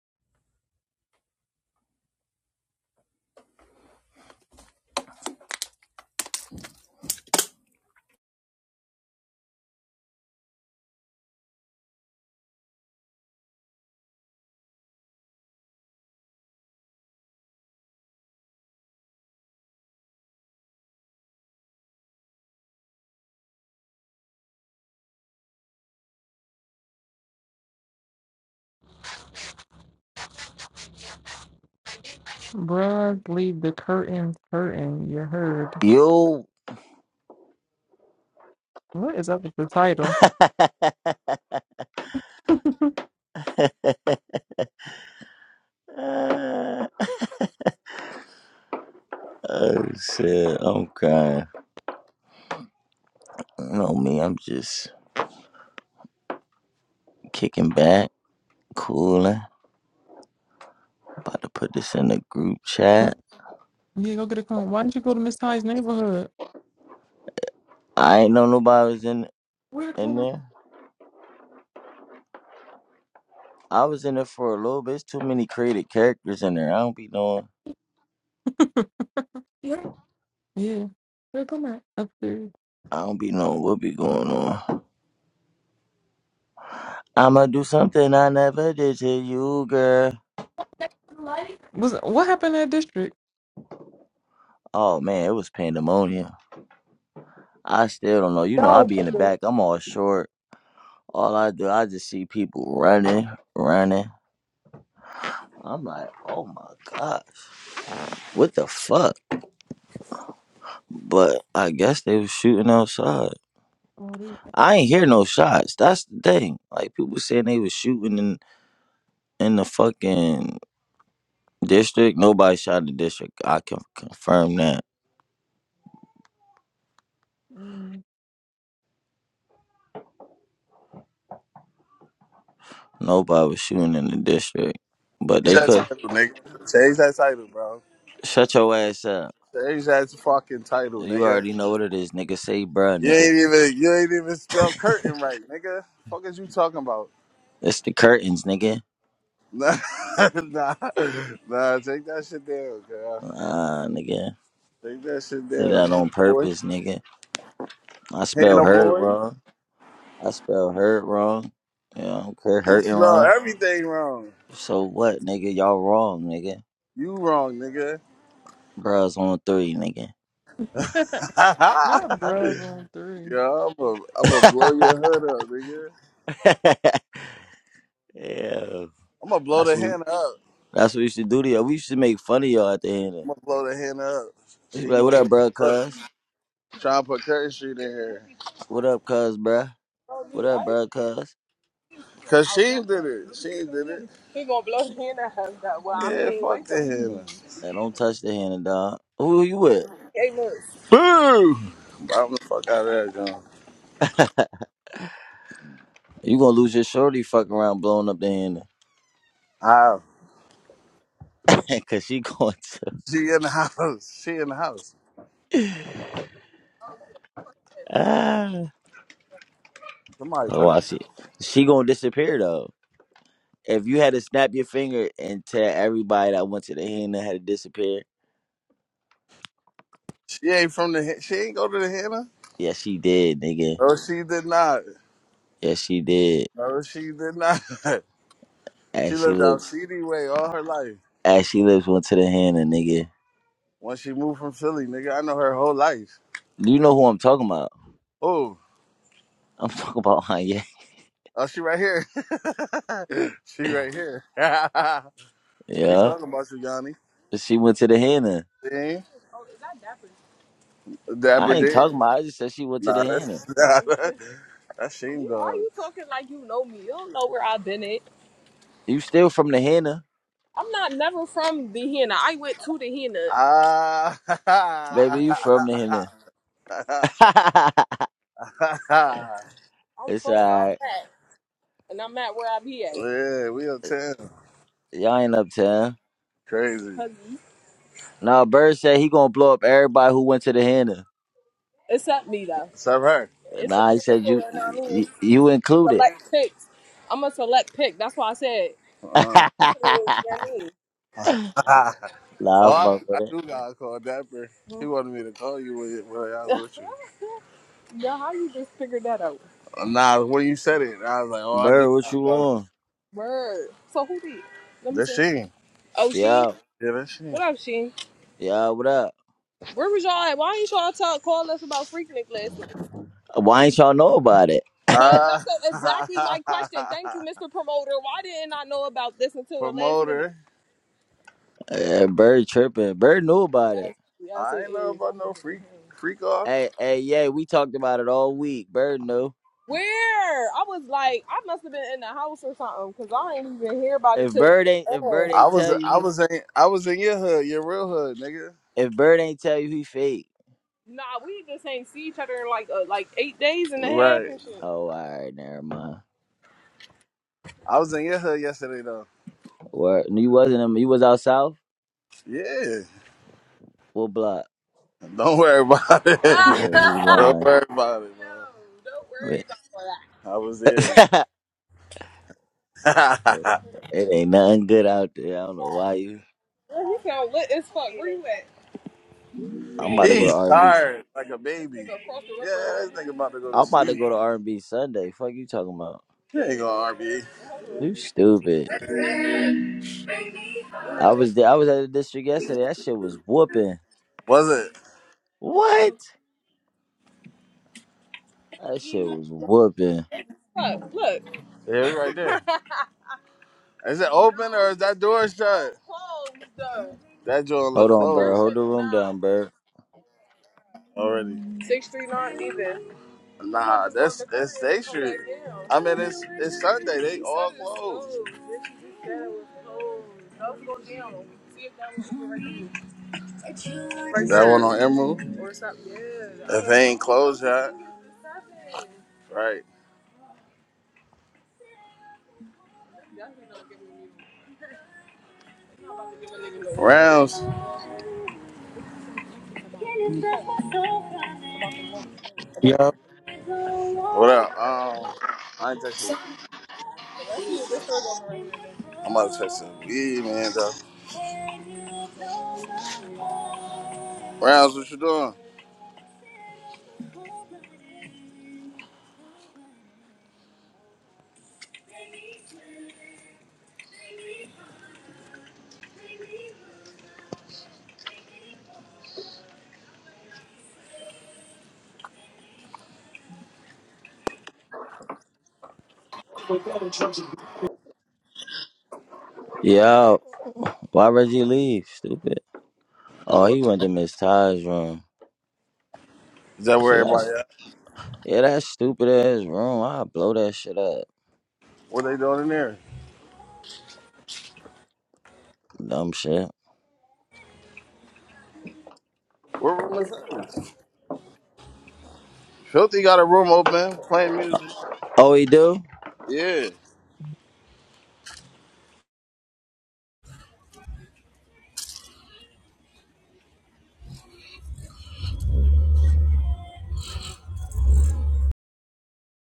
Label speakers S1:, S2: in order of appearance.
S1: Bruh, leave the curtains curtain. You heard.
S2: Yo,
S1: What is up with the title?
S2: uh, oh, shit, I'm crying. You know me, I'm just kicking back, cooling. About to put this in the group chat.
S1: What? Yeah, go get a cone. Why didn't you go to Miss Ty's neighborhood?
S2: I ain't know nobody was in
S1: Where
S2: in
S1: come at?
S2: there. I was in there for a little bit. It's too many created characters in there. I don't be knowing.
S1: Yeah. Yeah. Where come at? Upstairs.
S2: I don't be knowing what be going on. I'ma do something I never did to you, girl.
S1: Light. Was what happened in that district?
S2: Oh man, it was pandemonium. I still don't know. You know, I
S1: No,
S2: be
S1: my
S2: in the
S1: girl.
S2: back. I'm all short. All I do, I just see people running, running. I'm like, oh my god, what the fuck? But I guess they was shooting outside.
S1: Oh, they,
S2: I ain't hear no shots. That's the thing. Like people saying they was shooting in in the fucking district. Nobody shot in the district. I can confirm that.
S1: mm.
S2: Nobody was shooting in the district. But
S3: Change
S2: they
S3: that
S2: could
S3: title, nigga. Change that title, bro.
S2: shut your ass up.
S3: Change that fucking title,
S2: You
S3: nigga.
S2: already know what it is, nigga. Say, bruh,
S3: You
S2: nigga.
S3: ain't even you ain't even spell curtain right, nigga. Fuck is you talking about?
S2: It's the curtains, nigga.
S3: Nah, nah, nah. Take that shit down, girl.
S2: Ah, nigga.
S3: Take that shit
S2: Did
S3: down,
S2: that
S3: Hannah
S2: on
S3: boy.
S2: purpose, nigga. I spelled
S3: Hannah
S2: her
S3: boy,
S2: wrong. I spell hurt wrong. Yeah, I don't care.
S3: you
S2: Hurting
S3: spell
S2: wrong.
S3: everything wrong.
S2: So what, nigga? Y'all wrong, nigga.
S3: You wrong, nigga.
S2: Bruh's on three, nigga.
S1: not bruh on three.
S3: Yo, I'm gonna I'm gonna blow your hood up, nigga.
S2: yeah.
S3: I'm gonna blow
S2: That's
S3: the
S2: what,
S3: Hannah up.
S2: that's what we should do to y'all. We should make fun of y'all at the end.
S3: I'm
S2: of-
S3: gonna blow the Hannah up.
S2: We should be
S3: Shame
S2: like, what up, bruh,
S3: over.
S2: cuz?
S3: Try to put Curry Street in here.
S2: What up, cuz, bruh? What up, bruh, cuz?
S3: Cause she did it. She did it. He gonna blow the hand out of that. Well, I yeah, mean, fuck the hand.
S2: And don't touch the hand, dog. Who you with?
S3: Hey, look. Boo! But I'm the fuck out of there, John.
S2: You gonna lose your shorty fucking around blowing up the hand.
S3: How?
S2: Cause she going
S3: She in the house. She in the house.
S2: to. ah.
S3: Somebody
S2: Oh,
S3: cooking.
S2: I see. She gonna disappear, though. if you had to snap your finger and tell everybody that went to the henna had to disappear,
S3: She ain't from the. Hen- She ain't go to the henna.
S2: yeah, she did, nigga.
S3: No, she did not.
S2: Yeah, she did.
S3: No, she did not. she
S2: As she
S3: lived out
S2: lives,
S3: CD way all her life.
S2: as she lives, went to the henna, nigga.
S3: Once she moved from Philly, nigga, I know her whole life.
S2: You know who I'm talking about?
S3: Oh.
S2: I'm talking about Kanye.
S3: Oh, she right here. she right here. He's
S2: Yeah,
S3: talking about you, Yanni.
S2: she went to the henna.
S3: See? Oh, is that Dapper? Dapper
S2: I ain't
S3: did?
S2: talking about. I just said she went to the
S3: Nah,
S2: henna.
S3: that's nah, that, that's shame Why are you talking like you know me? You don't know where I've been at.
S2: You still from the henna,
S3: I'm not never from the Hena. I went to the Hena. Ah.
S2: baby? You from the henna?
S3: I'm
S2: it's
S3: from where I'm
S2: alright.
S3: at. And I'm at where I be at. Yeah, we uptown.
S2: Y'all ain't uptown.
S3: Crazy. Cause you
S2: Nah, Bird said he gonna blow up everybody who went to the henna.
S3: It's up me though. It's up her. It's a
S2: Nah, he
S3: handful
S2: said
S3: of
S2: you,
S3: you know what I mean,
S2: you, you included.
S3: select picks. I'm a select pick. That's why I said Uh,
S2: nah,
S3: you know what I mean. oh,
S2: I
S3: I,
S2: fuck
S3: I
S2: with it.
S3: do got to call Dapper. He wanted me to call you when, when I was with you. Now how you just figured that out? Nah, when you said it, I was like, oh, I do.
S2: Bird, what
S3: gotta
S2: you
S3: call her.
S2: on?
S3: Word. So who did? Let me That's see. she. Oh, Sheen.
S2: Yeah,
S3: Yeah, that's she. What up, Sheen?
S2: yeah, what up?
S3: Where was y'all at? Why ain't y'all talk, call us about Freaknik last night?
S2: Why ain't y'all know about it?
S3: Uh, So Uh, that's exactly my question. Thank you, Mr. Promoter. Why didn't I know about this until the promoter.
S2: Uh, Bird tripping. Bird knew about it.
S3: That's, that's I ain't know about no freak freak off.
S2: Hey, hey, yeah, we talked about it all week. Bird knew.
S3: Where? I was like, I must have been in the house or something because I ain't even hear about it
S2: If
S3: till the
S2: Bird ain't,
S3: day
S2: if
S3: of.
S2: Bird
S3: I
S2: ain't
S3: was
S2: tell you
S3: I
S2: he,
S3: was in I was in your hood, your real hood, nigga.
S2: if Bird ain't tell you he fake.
S3: Nah, we just ain't see each other in like uh, like eight days and a half Right. and shit.
S2: Oh, all right, never mind.
S3: I was in your hood yesterday though.
S2: What? You wasn't him. You was out south.
S3: Yeah.
S2: What block?
S3: Don't worry about it.
S2: Yeah, he
S3: don't
S2: lying.
S3: worry about it, man. No, don't worry about all that. I was here.
S2: it
S3: Girl,
S2: ain't nothing good out there. I don't know why you.
S3: he sound lit as fuck. Where you
S2: I'm
S3: at?
S2: about to go to
S3: He's
S2: R&B
S3: tired, like a baby. Nigga across the river. Yeah, this nigga about to go to
S2: I'm about to
S3: sleep.
S2: go to R and B Sunday. Fuck you talking about?
S3: He ain't gonna RBA.
S2: You stupid. I was there. I was at the district yesterday. That shit was whooping.
S3: Was it?
S2: What? That shit was whooping.
S3: Look, look. Yeah, it's right there. Is it open or is that door shut? Closed. Though. That door look
S2: Hold on, Bird.
S3: closed. That
S2: Hold the
S3: should
S2: room
S3: not.
S2: down, Bird.
S3: Already. Six three nine even. Nah, that's that's they should. I mean, it's it's Sunday. They all closed. That one on Emerald. If they ain't closed, huh? Right. Rounds.
S4: Yeah,
S3: What up? Um, I ain't texting me. I'm about to text him. Yeah, man. Though. Rounds, what you doing?
S2: Yo, why Reggie leave? Stupid.
S3: I
S2: Oh,
S3: don't know.
S2: he went to Miss Ty's room.
S3: Is that
S2: See,
S3: where everybody
S2: that's
S3: at?
S2: yeah, that stupid ass room. I blow that shit up.
S3: What they doing in there?
S2: Dumb shit.
S3: What room is hers? Filthy got a room open playing music.
S2: Oh, he do?
S3: Yeah.